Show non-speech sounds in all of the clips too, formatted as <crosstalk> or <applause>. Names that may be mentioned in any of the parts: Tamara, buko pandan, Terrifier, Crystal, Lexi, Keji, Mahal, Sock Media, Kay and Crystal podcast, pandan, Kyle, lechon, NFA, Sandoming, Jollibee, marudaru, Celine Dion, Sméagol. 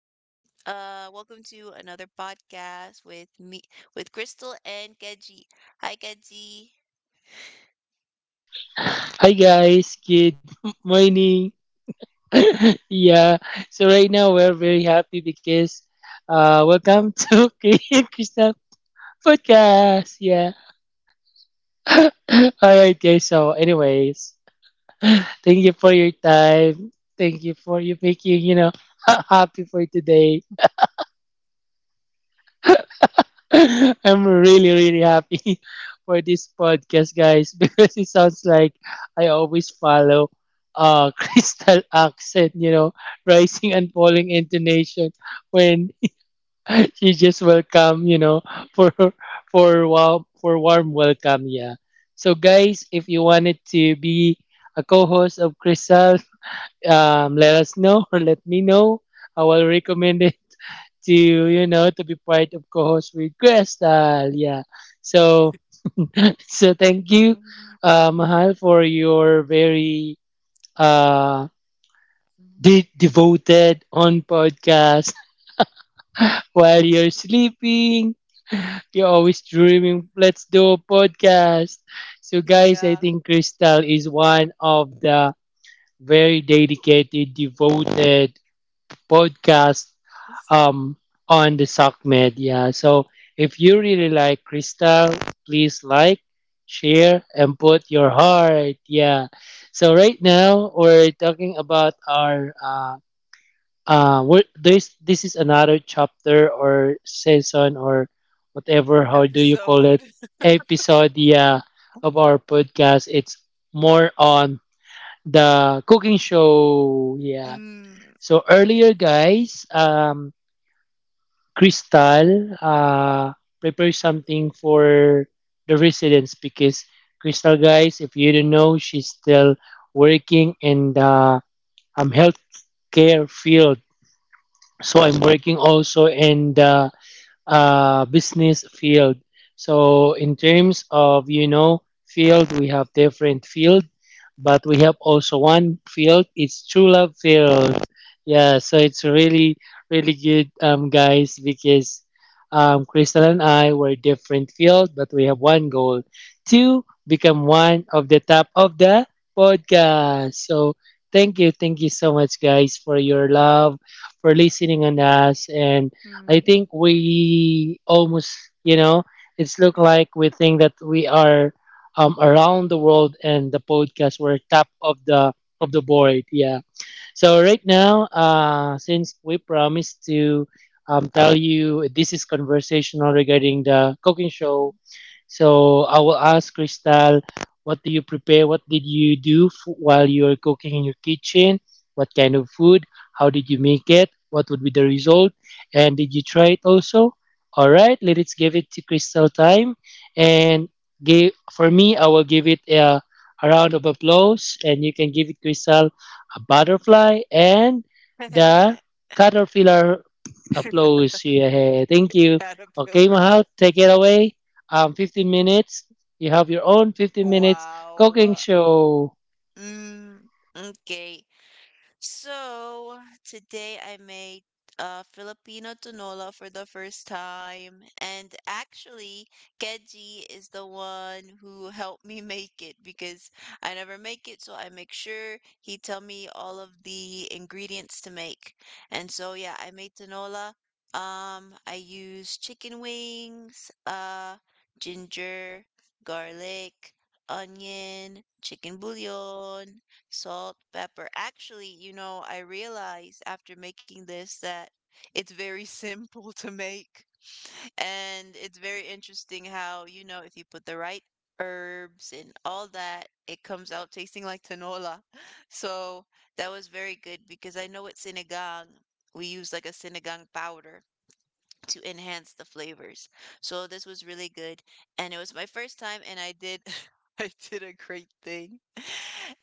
Welcome to another podcast with me with Crystal and Keji. Hi Keji. Hi guys, good <laughs> morning. <laughs> yeah, so right now we're very happy because welcome to <laughs> Kay and Crystal podcast. Yeah. <laughs> All right guys, so anyways, thank you for your time. Thank you for you making, <laughs> happy for today. <laughs> I'm really, really happy <laughs> for this podcast, guys, <laughs> because it sounds like I always follow <laughs> crystal accent, rising and falling intonation when <laughs> she just welcome, <laughs> for for warm welcome, yeah. So guys, if you wanted to be a co-host of Crystal, <laughs> let us know or let me know. I will recommend it to to be part of co-host with Crystal. Yeah. So <laughs> so thank you, <laughs> Mahal, for your very uh devoted on podcast <laughs> while you're sleeping. You're always dreaming. Let's do a podcast. So guys, I Yeah. think Crystal is one of the very dedicated, devoted podcast um, on the Sock Media. So if you really like Crystal, please like, share, and put your heart. Yeah. So right now we're talking about our this is another chapter or season or whatever. How do you call Episode. it? Episode. Yeah, of our podcast. It's more on the cooking show. <laughs> Yeah. Mm. So earlier, guys, Crystal prepares something for the residents because Crystal, guys, if you don't know, she's still working in the healthcare field. So I'm working also in the business field. So in terms of field, we have different field, but we have also one field. It's true love field. Yeah, so it's really really good, guys, because Crystal and I were different field, but we have one goal to become one of the top of the podcast. So thank you so much, guys, for your love, for listening on us, and I Mm. think we almost, you know, it's look like we think that we are around the world and the podcast were top of the board. Yeah. So right now, since we promised to tell you this is conversational regarding the cooking show so I will ask Crystal, what do you prepare? What did you do while you were cooking in your kitchen? What kind of food? How did you make it? What would be the result? And did you try it also? All right, let's give it to Crystal time. And give, for me, I will give it a round of applause. And you can give it Crystal a butterfly and the caterpillar applause. <laughs> <laughs> Yeah, thank you. Okay, Caterpillar. <laughs> bl- Mahal, take it away 15 minutes. You have your own 15 minutes cooking Wow. show. Mm, okay. So today I made Filipino tinola for the first time, and actually, Keji is the one who helped me <laughs> make it because I never make it, so I make sure he tell me all of the ingredients to make. And so yeah, I made tinola. I use chicken wings, ginger, garlic, onion, chicken bouillon salt, pepper. Actually, you know, I realized after making this that it's very <laughs> simple to make. And it's very interesting how, you know, if you put the right herbs and all that, it comes out tasting like tinola. <laughs> So that was very good because I know at sinigang, we use like a sinigang powder to enhance the flavors. So this was really good and it was my first time and I did <laughs> I did a great thing. <laughs>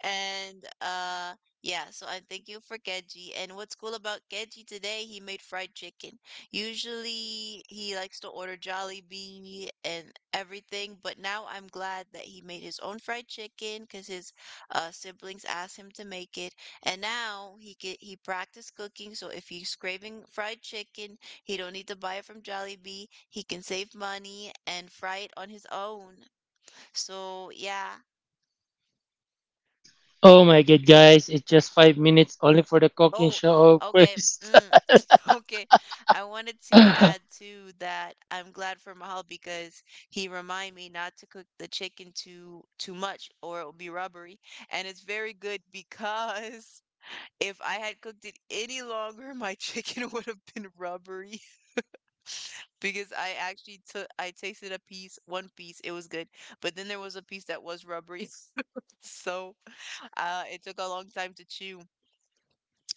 And yeah, so I am thanking for Keji. And what's cool about Keji today, he made fried chicken. Usually he likes to order Jollibee and everything, but now I'm glad that he made his own fried chicken because his siblings asked him to make it. And now he practiced cooking, so if he's craving fried chicken, he don't need to buy it from Jollibee. He can save money and fry it on his own. So yeah. Oh my god, guys, it's just 5 minutes only for the cooking Oh, show, of okay. course. Mm, <laughs> okay. I wanted to <laughs> All add too that I'm glad for Mahal because he remind me not to cook the chicken too much or it will be rubbery. And it's very good because <laughs> if I had cooked it any longer, my chicken <laughs> would have been rubbery, because I actually took I tasted a piece, one piece, it was good, but then there was a piece that was rubbery, <laughs> so it took a long time to chew.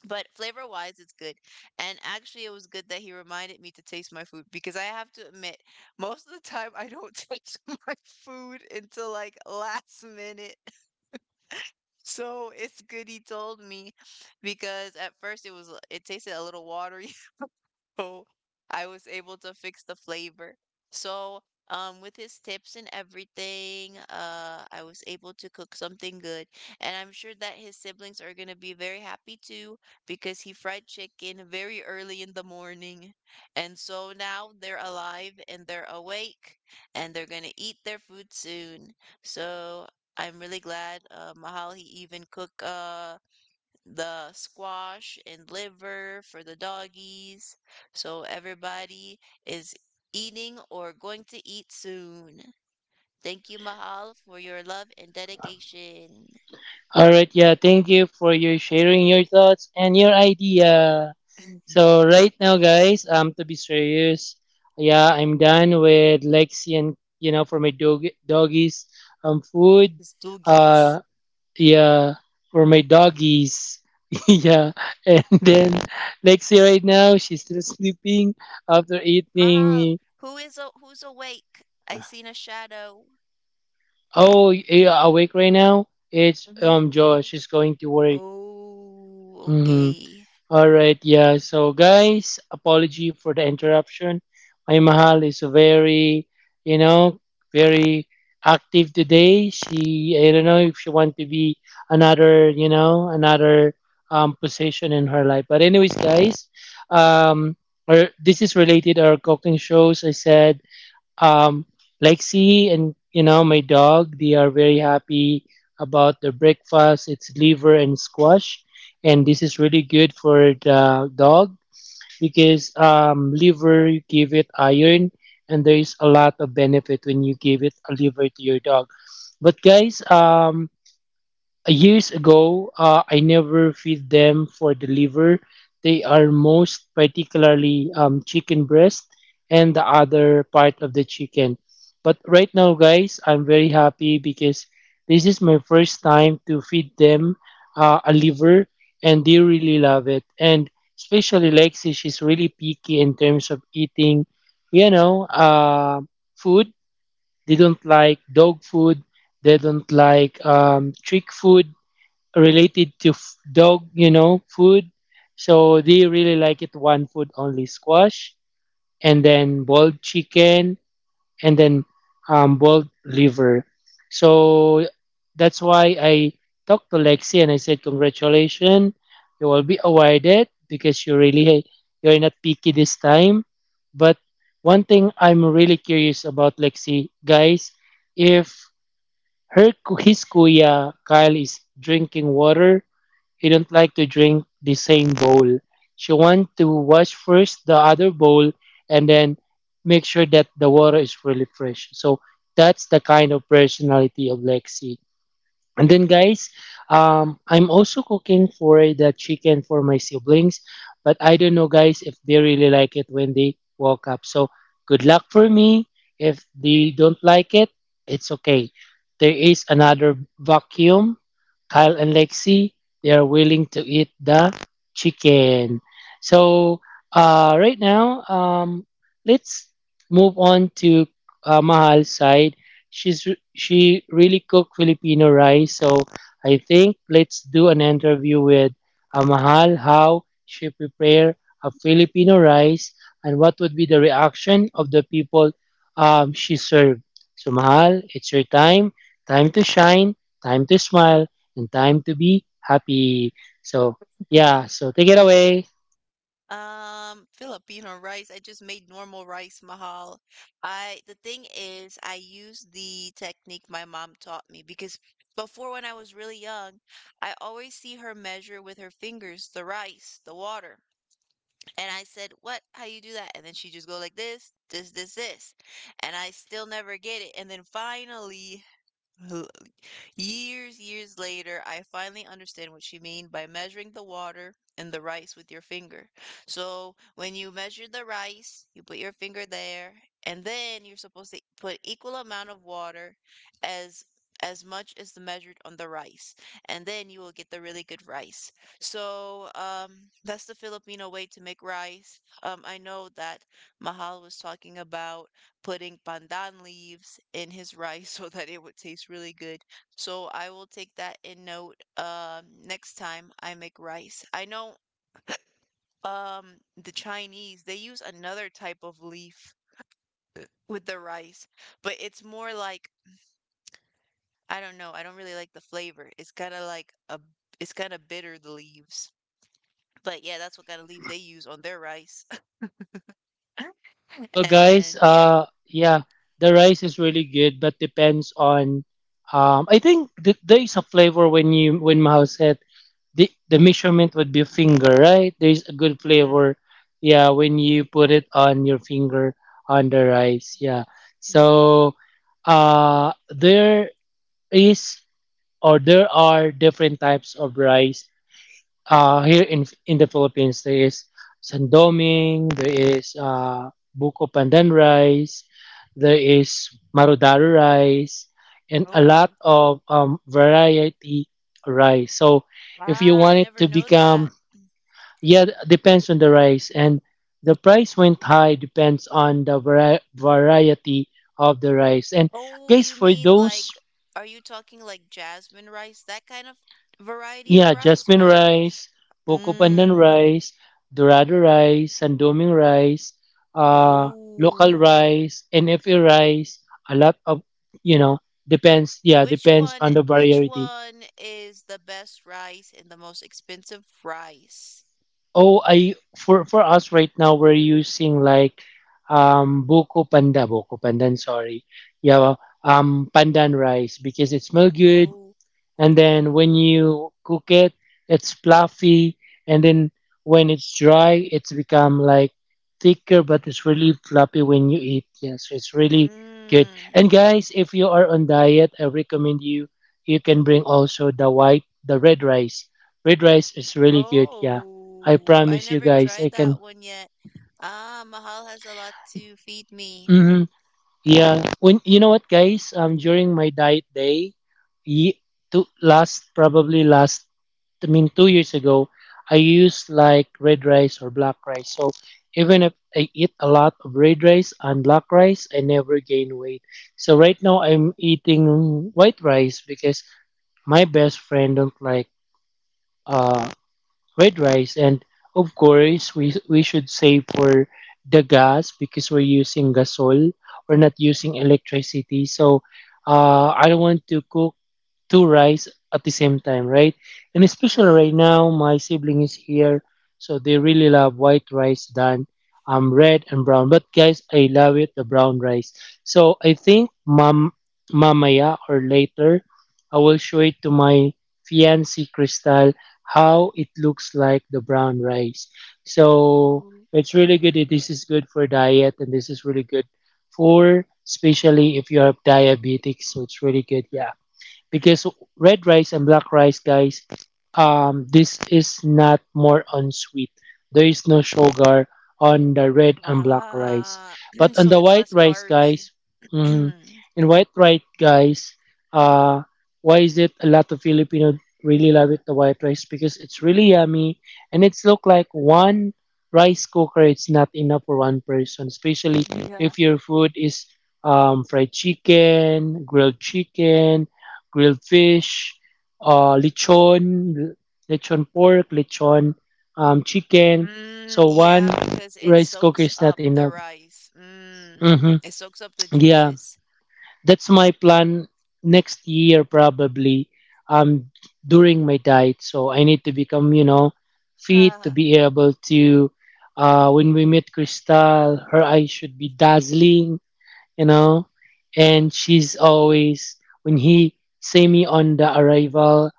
But flavor wise, it's good, and actually, it was good that he reminded me to taste my food because I have to admit, most of the time I don't <laughs> taste my food until like last minute. <laughs> So it's good he told me because at first it tasted a little watery. So I was able to fix the flavor. So, with his tips and everything, I was able to cook something good. And I'm sure that his siblings are gonna be very happy too because he fried chicken very early in the morning. And so now they're alive and they're awake and they're gonna eat their food soon. So I'm really glad, Mahal, he even cook, the squash and liver for the doggies. So everybody is eating or going to eat soon. Thank you, Mahal, for your love and dedication. right, yeah, thank you for your sharing your thoughts and your idea. So right now, guys, to be serious, yeah, I'm done with Lexi and for my dog doggies food. His Uh, doggies. yeah, for my doggies. <laughs> yeah, and then Lexi right now she's still sleeping after Mahal, eating. Who's awake? I seen a shadow. Oh, yeah, awake right now. It's Mm-hmm. Josh. She's going to work. Oh, Mm-hmm. okay. All right, yeah. So, guys, apology for the interruption. My mahal is very, you know, very active today. She, I don't know if she want to be another, another position in her life. But anyways, guys, um, or this is related our cooking shows. I said um, Lexi and my dog, they are very happy about the breakfast. It's liver and squash, and this is really good for the dog because liver give it iron, and there is a lot of benefit when you give it a liver to your dog. But guys, years ago, I never feed them for the liver. They are most particularly chicken breast and the other part of the chicken. But right now, guys, I'm very happy because this is my first time to feed them a liver, and they really love it. And especially Lexi, she's really picky in terms of eating, you know, uh, food. They don't like dog food. They don't like trick food related to dog, food. So they really like it one food only squash and then boiled chicken and then boiled liver. So that's why I talked to Lexi and I said, "Congratulations, you will be awarded because you really you're not picky this time." But one thing I'm really curious about Lexi, guys, if his kuya Kyle is drinking water, he don't like to drink the same bowl. She want to wash first the other bowl and then make sure that the water is really fresh. So that's the kind of personality of Lexi. And then, guys, I'm also cooking for the chicken for my siblings, but I don't know, guys, if they really like it when they woke up. So, good luck for me. If they don't like it, it's okay. There is another vacuum. Kyle and Lexi, they are willing to eat the chicken. So, right now, let's move on to Mahal's side. She really cook Filipino rice, so I think let's do an interview with Mahal how she prepare a Filipino rice and what would be the reaction of the people she served. So Mahal, it's your time, time to shine, time to smile, and time to be happy. So yeah, so take it away. Filipino rice. I just made normal rice mahal. I The thing is, I use the technique my mom taught me because before when I was really young, I always see her measure with her fingers the rice, the water. And I said, "What? How you do that?" And then she just go like this, this, this, this. And I still never get it. And then finally <laughs> Years later, I finally understand what she meant by measuring the water and the rice with your finger. So when you measure the rice, you put your finger there, and then you're supposed to put equal amount of water as as much as the measured on the rice, and then you will get the really good rice. So that's the Filipino way to make rice. I know that Mahal was talking about putting pandan leaves in his rice <laughs> so that it would taste really good. So I will take that in note next time I make rice. I know the Chinese they use another type of leaf with the rice, but it's more like I don't know, I don't really like the flavor. It's kind of like a it's kind of bitter the leaves. But yeah, that's what kind of leaves they use on their rice. <laughs> Well, guys, And yeah. Yeah, the rice is really good, but depends on. I think there is a flavor when you when Mahal said the measurement would be finger, right? There is a good Mm. flavor, yeah, when you put it on your finger on the rice, yeah. Mm. So, there is or there are different types of rice here in the Philippines there is Sandoming, there is buko pandan rice, there is marudaru rice, and a lot Oh. of variety rice. So if you Ah, I want it never to know that. become yeah, depends on the rice and the price went high depends on the variety of the rice. And Oh, guys, you for mean those like, are you talking like jasmine rice, that kind of variety of yeah, rice jasmine or, rice, Boko pandan mm, rice, dorado rice, sandoming rice, uh, local oh. rice, NFA rice, a lot of, you know, depends. Yeah, Which depends one on the which variety. one is the best rice and the most expensive rice? Oh, I for us right now we're using like boko pandan. Sorry, yeah, pandan rice because it smells good Oh. and then when you cook it it's fluffy and then when it's dry it's become like thicker but it's really fluffy when you eat, yes it's really good. Mm. And guys, if you are on diet I recommend you, you can bring also the white, the red rice. Red rice is really good, yeah, I Oh. I promise you never guys I tried that can. one yet. Ah, Mahal has a lot to feed me. Hmm, yeah, when you know what guys, during my diet day ye- to last probably last I mean, 2 years ago, I used like red rice or black rice. So even if I eat a lot of red rice and black rice, I never gain weight. So right now, I'm eating white rice because my best friend don't like uh, red rice, and of course, we should save for the gas because we're using gasol. We're not using electricity, so I don't want to cook two rice at the same time, right? And especially right Mm. now, my sibling is here, so they really love white rice than red and brown. But guys, I love it the brown rice. So I think mamaya or later, I will show it to my fiancée Crystal how it looks like the brown rice. So Oh. it's really good. This is good for diet, and this is really good for especially if you have diabetics. So it's really good. Yeah because red rice and black rice, guys, this is not more on sweet. There is no sugar on the red and black rice. Ah. <clears throat> But on So the it's white less rice, carby. guys, <clears throat> mm, in white rice, guys, uh, why is it a lot of Filipino really love it, the white rice? Because it's really yummy and it's look like one rice cooker it's not enough for one person especially Yeah. if your food is fried chicken, grilled chicken, grilled fish, lechon, lechon pork, lechon chicken. Mm, So one yeah, because it rice cooker soaks is not up the enough. rice. Mm. Hmm, It soaks up the yeah, juices. that's my plan next year probably. Um, during my diet, so I need to become you know fit to Uh, be able to. When we meet Crystal, her eyes should be dazzling you know. And she's always when he see me on the arrival,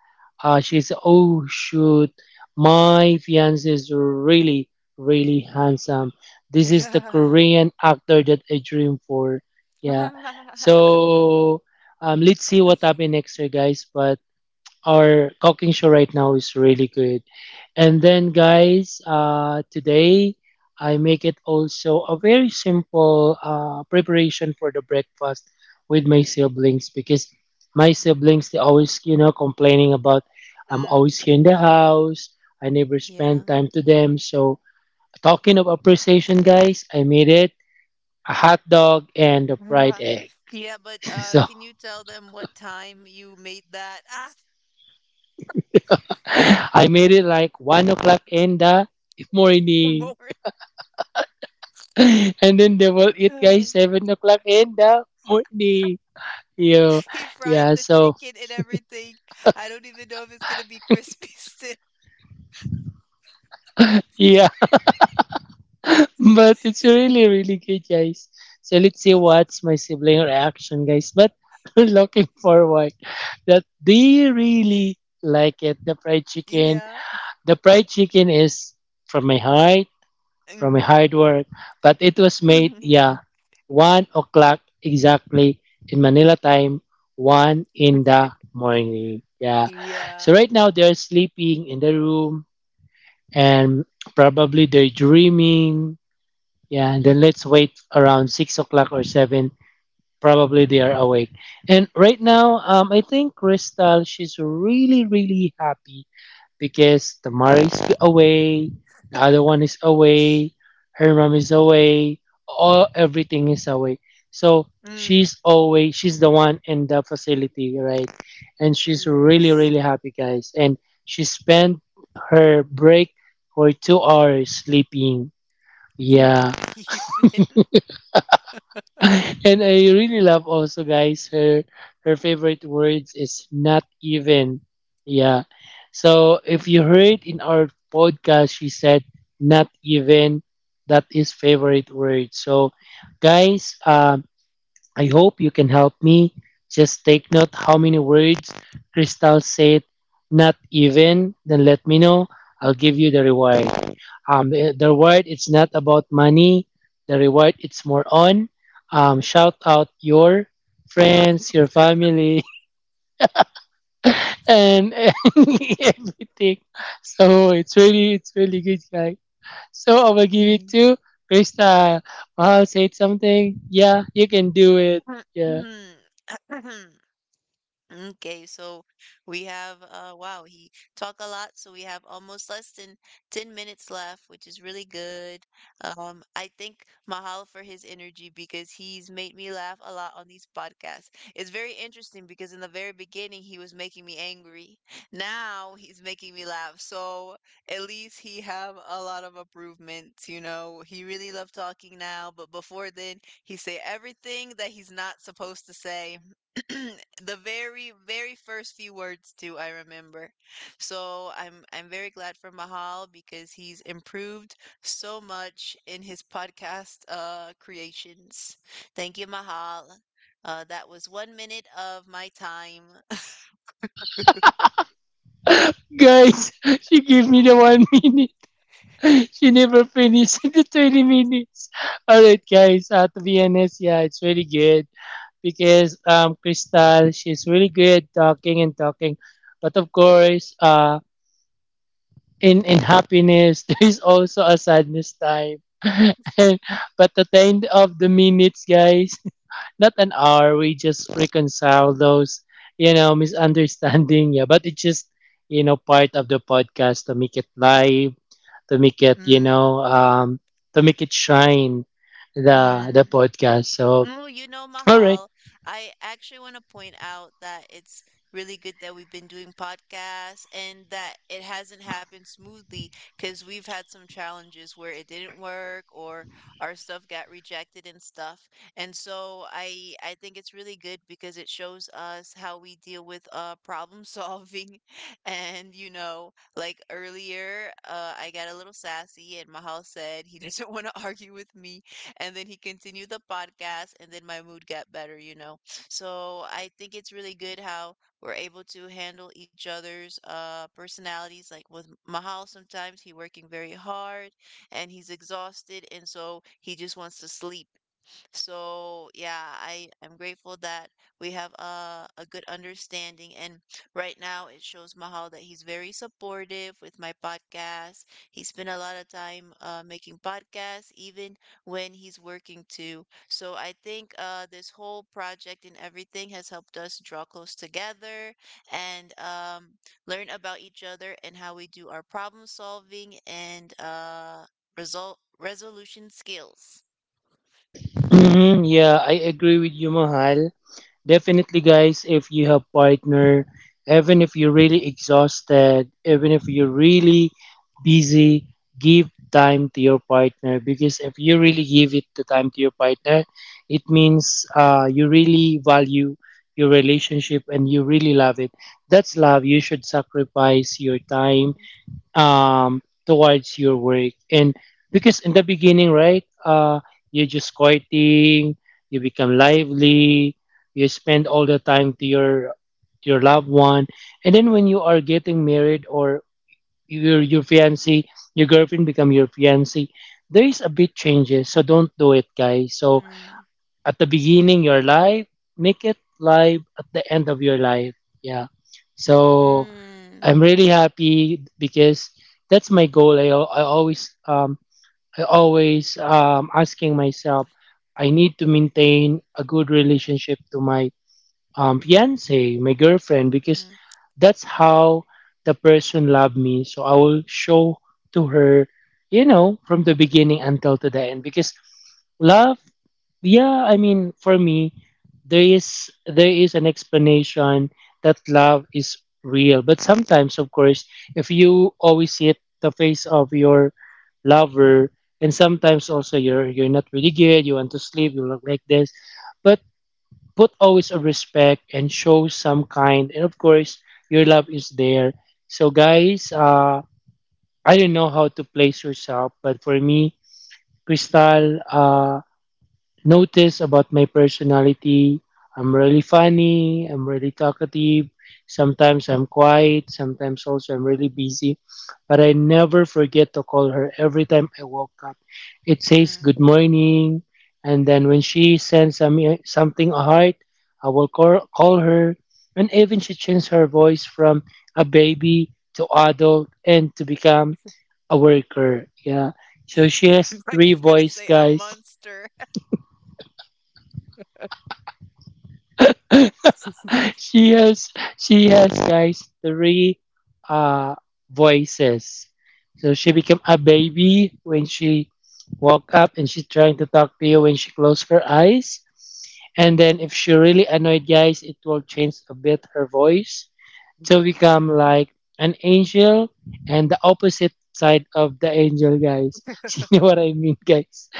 she's oh shoot, my fiance is really really handsome. This is the <laughs> Korean actor that I dream for. Yeah. So let's see what happens next year, guys. But our cooking show right now is really good. And then, guys, today I make it also a very simple preparation for the breakfast with my siblings because my siblings they always complaining about I'm Mm, always here in the house. I never spend yeah. time to them. So talking of appreciation, guys, I made it a hot dog and a fried Uh, egg. Yeah, <laughs> but So can you tell them what time you made that? <laughs> I made it like 1 o'clock in the Ah, morning. morning. <laughs> And then they will eat guys 7 o'clock in the morning. Yeah, <laughs> He yeah. fried the So chicken and everything. I don't even know if it's gonna be crispy <laughs> still. yeah, <laughs> but it's really really good, guys. So let's see what's my sibling reaction, guys. But <laughs> looking forward that they really like it. The fried chicken. Yeah. The fried chicken is from my heart from a Mm. hard work. But it was made, yeah, <laughs> 1 o'clock exactly in Manila time, one in the morning. Yeah. So Yeah. right now they're sleeping in the room and probably they're dreaming. Yeah, and then let's wait around 6 o'clock or seven. Probably they are Mm. awake. And right now, I think Crystal, she's really, really happy because Tamara is away, the other one is away, her mom is away, all everything is away. So Mm. She's the one in the facility, right? And she's really Yes. really happy, guys. And she spent her break for 2 hours sleeping. <laughs> Not Yeah, even. <laughs> and I really love also guys her favorite words is not even. Yeah. So if you heard in our podcast she said not even that is favorite word. So guys, I hope you can help me. Just take note how many words Crystal said not even then let me know. I'll give you the reward. The reward it's not about money. The reward it's more on shout out your friends, your family, <laughs> and <laughs> everything. So it's really good, guy. So I will give it <laughs> to Krista. Mahal said something. Yeah, you can do it. Yeah, Mm. <clears throat> Okay, so we have wow, he talk a lot, so we have almost less than 10 minutes left, which is really good. I thank Mahal for his energy because he's made me laugh a lot on these podcasts. It's very interesting because in the very beginning he was making me angry. Now he's making me laugh. So at least he have a lot of improvements, you know. He really loved talking now, but before then he say everything that he's not supposed to say. <clears throat> The very first few words too, I remember. So I'm very glad for Mahal because he's improved so much in his podcast creations. Thank you, Mahal. That was 1 minute of my time. guys, <laughs> she gave me the <laughs> 1 minute. <laughs> She never finished <laughs> the 20 minutes. Alright, guys, to be honest, yeah, it's really good because Crystal, she's really good talking and talking. But of course, in happiness, <laughs> there is also a sadness time. <laughs> But at the end of the minutes, guys, <laughs> not an hour, we just reconcile those, you know, misunderstanding. Yeah, but it's just, you know, part of the podcast to make it live to make it, you Mm, know, to make it shine the mm. podcast. So, Oh, you know, all right. Mahal, I actually want to point out that it's really good that we've been doing podcasts and that it hasn't happened smoothly because we've had some challenges where it didn't work or our stuff got rejected and stuff. And so I think it's really good because it shows us how we deal with problem solving. <laughs> And you know, like earlier, I got a little sassy and Mahal said he <laughs> doesn't want to <laughs> argue with me, and then he continued the podcast and then my mood got better, you know. So I think it's really good how we're able to handle each other's personalities. Like with Mahal, sometimes he working very hard and he's exhausted and so he just wants to sleep. So yeah, I am grateful that we have a good understanding. And right now it shows Mahal that he's very supportive with my podcast. He spent a lot of time making podcasts, even when he's working too. So I think this whole project and everything has helped us draw close together and learn about each other and how we do our problem solving and result resolution skills. <clears throat> Yeah, I agree with you, Mahal. Definitely, guys, if you have partner, even if you're really exhausted, even if you're really busy, give time to your partner because if you really give it the time to your partner, it means you really value your relationship and you really love it. That's love. You should sacrifice your time um towards your work and because in the beginning right you're just quieting, you become lively, you spend all the time to your loved one. And then when you are getting married or your fiance, your girlfriend become your fiance, there is a bit changes, so don't do it guys. So Mm-hmm. at the beginning your life, make it live at the end of your life. Yeah. So Mm, I'm really happy because that's my goal. I always I always asking myself I need to maintain a good relationship to my fiance, my girlfriend because mm, that's how the person loved me. So I will show to her, you know, from the beginning until to the end because love, yeah, I mean for me there is an explanation that love is real. But sometimes, of course, if you always see it the face of your lover and sometimes also you're not really good, you want to sleep, you look like this, but put always a respect and show some kind, and of course your love is there. So guys, I don't know how to place yourself, but for me Crystal, notice about my personality. I'm really funny, I'm really talkative. Sometimes I'm quiet, sometimes also I'm really busy. But I never forget to call her every time I woke up. It says mm. good morning, and then when she sends some, something a heart, call her. And even she changed her voice from a baby to adult and to become a worker. Yeah. So she has <laughs> Like three he's gonna voice, say a guys. monster <laughs> she has she has guys three uh voices. So she became a baby when she woke up and she's trying to talk to you when she closed her eyes. And then if she really annoyed guys, it will change a bit her voice to become like an angel and the opposite side of the angel guys. <laughs> You know what I mean guys.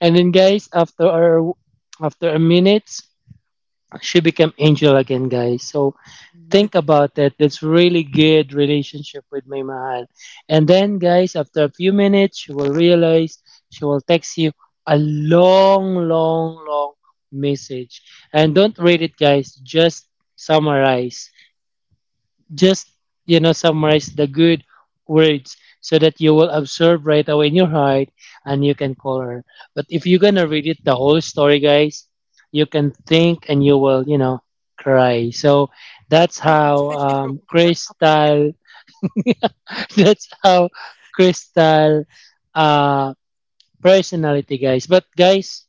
And then guys after her, After a minute she became angel again guys. So think about it. It's really good relationship with my mahal. And then, guys, after a few minutes, she will realize she will text you a long, long, long message. And don't read it, guys. Just summarize. Just, you know, summarize the good words so that you will absorb right away in your heart and you can call her. But if you're gonna read it the whole story guys, you can think and you will, you know, cry. So that's <laughs> or how video crap. crystal <laughs> that's how Crystal, uh, personality guys. But guys,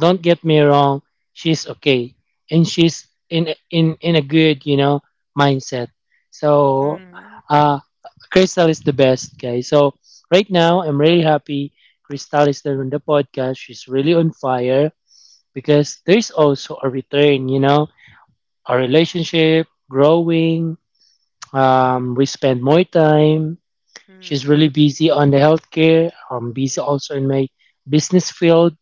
don't get me wrong, she's okay and she's in in a good, you know, mindset. So Mm, uh Crystal is the best guys. So right now I'm really happy, Crystal is there on the podcast, she's really on fire because there's also a return, you know, our relationship growing, we spend more time. She's mm, really busy on the healthcare. I'm busy also in my business field.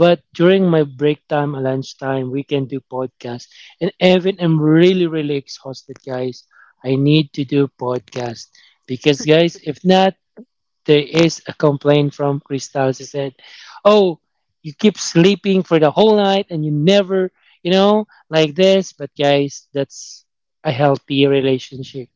But mm. during my break time, or lunchtime, we can do podcast. And even I'm really, really exhausted, guys. I need to do podcast because, guys, <laughs> if not, there is a complaint from Crystal. She said, "Oh, you keep sleeping for the whole night and you never, you know, like this." But guys, that's a healthy relationship.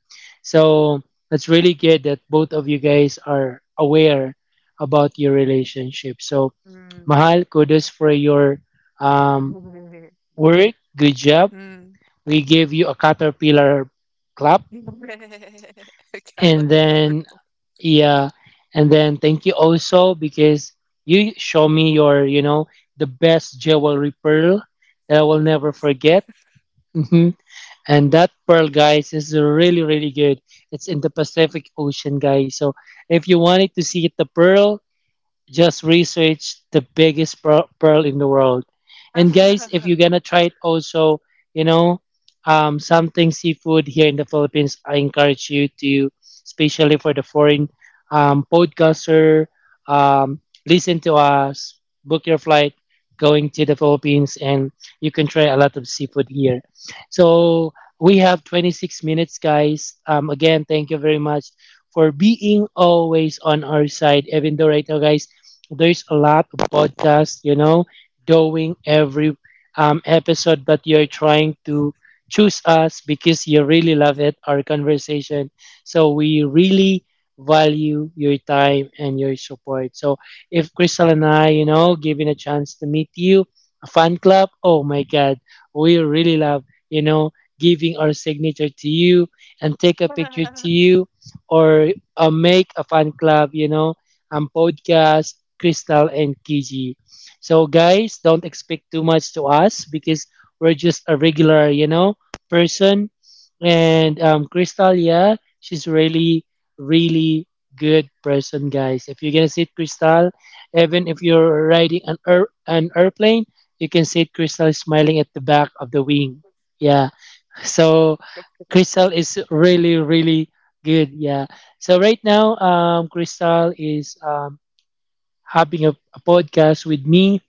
So that's really good that both of you guys are aware about your relationship. So, Mm. Mahal, kudos for your um, <laughs> work. Good job. Mm. <laughs> We gave you a caterpillar clap. A And caterpillar. then <laughs> yeah. And then thank you also because you show me your, you know, the best jewelry pearl that I will never forget. Hmm. And that pearl, guys, is really, really good. It's in the Pacific Ocean, guys. So if you wanted to see the pearl, just research the biggest pearl in the world. And guys, if Ah. you're gonna try it, also, you know, something seafood here in the Philippines, I encourage you to, especially for the foreign podcaster, um, listen to us, book your flight going to the Philippines, and you can try a lot of seafood here. So we have 26 minutes, guys. Again, thank you very much for being always on our side, even though right now, guys, there's a lot of podcasts, you know, doing every episode, but you're trying to choose us because you really love it, our conversation. So we really value your time and your support. So if Crystal and I, you know, given a chance to meet you, a fan club, oh my God, we really love, you know, giving our signature to you and take a picture to <laughs> you, or make a fan club, you know, podcast, Crystal and Kiji. So, guys, don't expect too much to us because we're just a regular, you know, person. And Crystal, yeah, she's really, really good person, guys. If you're gonna sit Crystal, even if you're riding an airplane, you can sit Crystal smiling at the back of the wing. Yeah. So Crystal is really, really good. Yeah. So right now, Crystal is having a podcast with me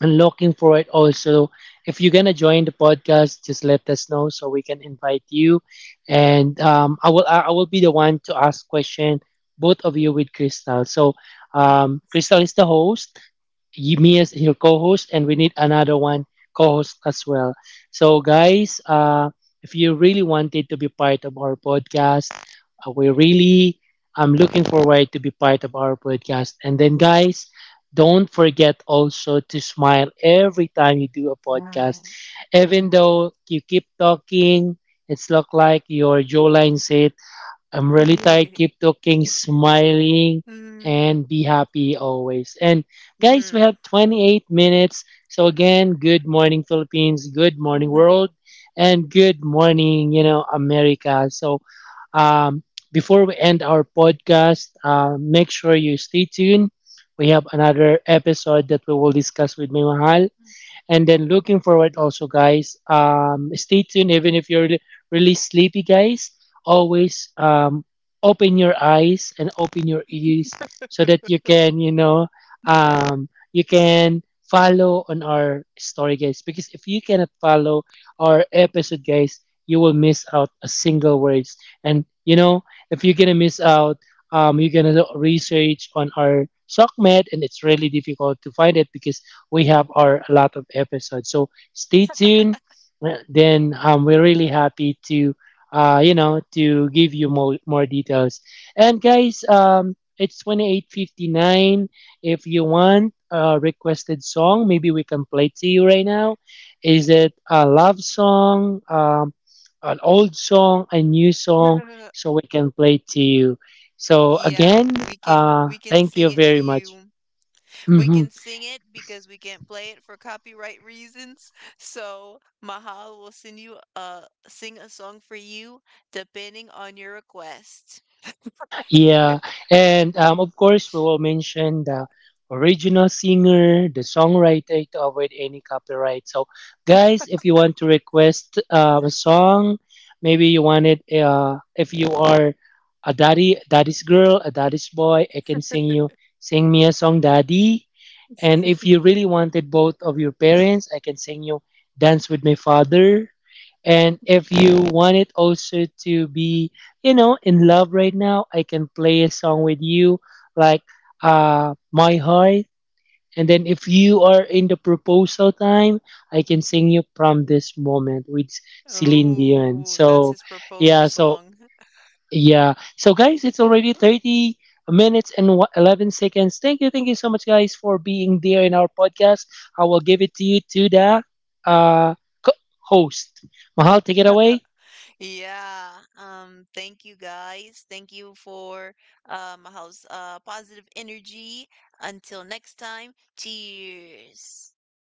and looking for it also. If you're gonna join the podcast, just let us know so we can invite you. And um, I will be the one to ask question both of you with Crystal. So Mm. Crystal is the host, me as your co-host and we need another one co-host as well. So guys, if you really wanted to be part of our podcast, we really I'm looking forward to be part of our podcast. And then guys, don't forget also to smile every time you do a podcast, Ah. even though you keep talking, it's look like your jawline said I'm really tired. Mm, Keep talking, smiling, and be happy always. And guys, we mm. have 28 minutes. So again, good morning, Philippines. Good morning, world. And good morning, you know, America. So um, before we end our podcast, make sure you stay tuned. We have another episode that we will discuss with May Mahal. And then looking forward also, guys. Stay tuned even if you're really sleepy, guys. Always open your eyes and open your ears so that you can, you know, you can follow on our story, guys. Because if you cannot follow our episode, guys, you will miss out a single words. And you know, if you're gonna miss out, you're gonna research on our SOCMED, and it's really difficult to find it because we have our a lot of episodes. So stay tuned. Well, then we're really happy to you know to give you more details. And guys, it's 28:59. If you want a requested song, maybe we can play it to you right now. Is it a love song, an old song, a new song? <laughs> So we can play it to you. So Yeah, again, we can thank sing you it to very much. you. We Mhm. can sing it because we can't play it for copyright reasons. <laughs> So Mahal will send you a sing a song for you depending on your request. Yeah, and of course, we will mention the original singer, the songwriter to avoid any copyright. So, guys, if you want to request a song, maybe you want it. If you are a daddy, daddy's girl, a daddy's boy, I can sing you, sing me a song, daddy. And if you really wanted both of your parents, I can sing you, dance with my father. And if you want it also to be, you know, in love right now, I can play a song with you like My Heart. And then if you are in the proposal time, I can sing you from this moment with Celine Dion. Oh, that's So his proposal yeah, so song. yeah. So guys, it's already 30 minutes and 11 seconds. Thank you. Thank you so much guys for being there in our podcast. I will give it to you to the uh co- host. Mahal, take it away. Yeah. Thank you guys. Thank you for. Mahal's positive energy. Until next time, cheers.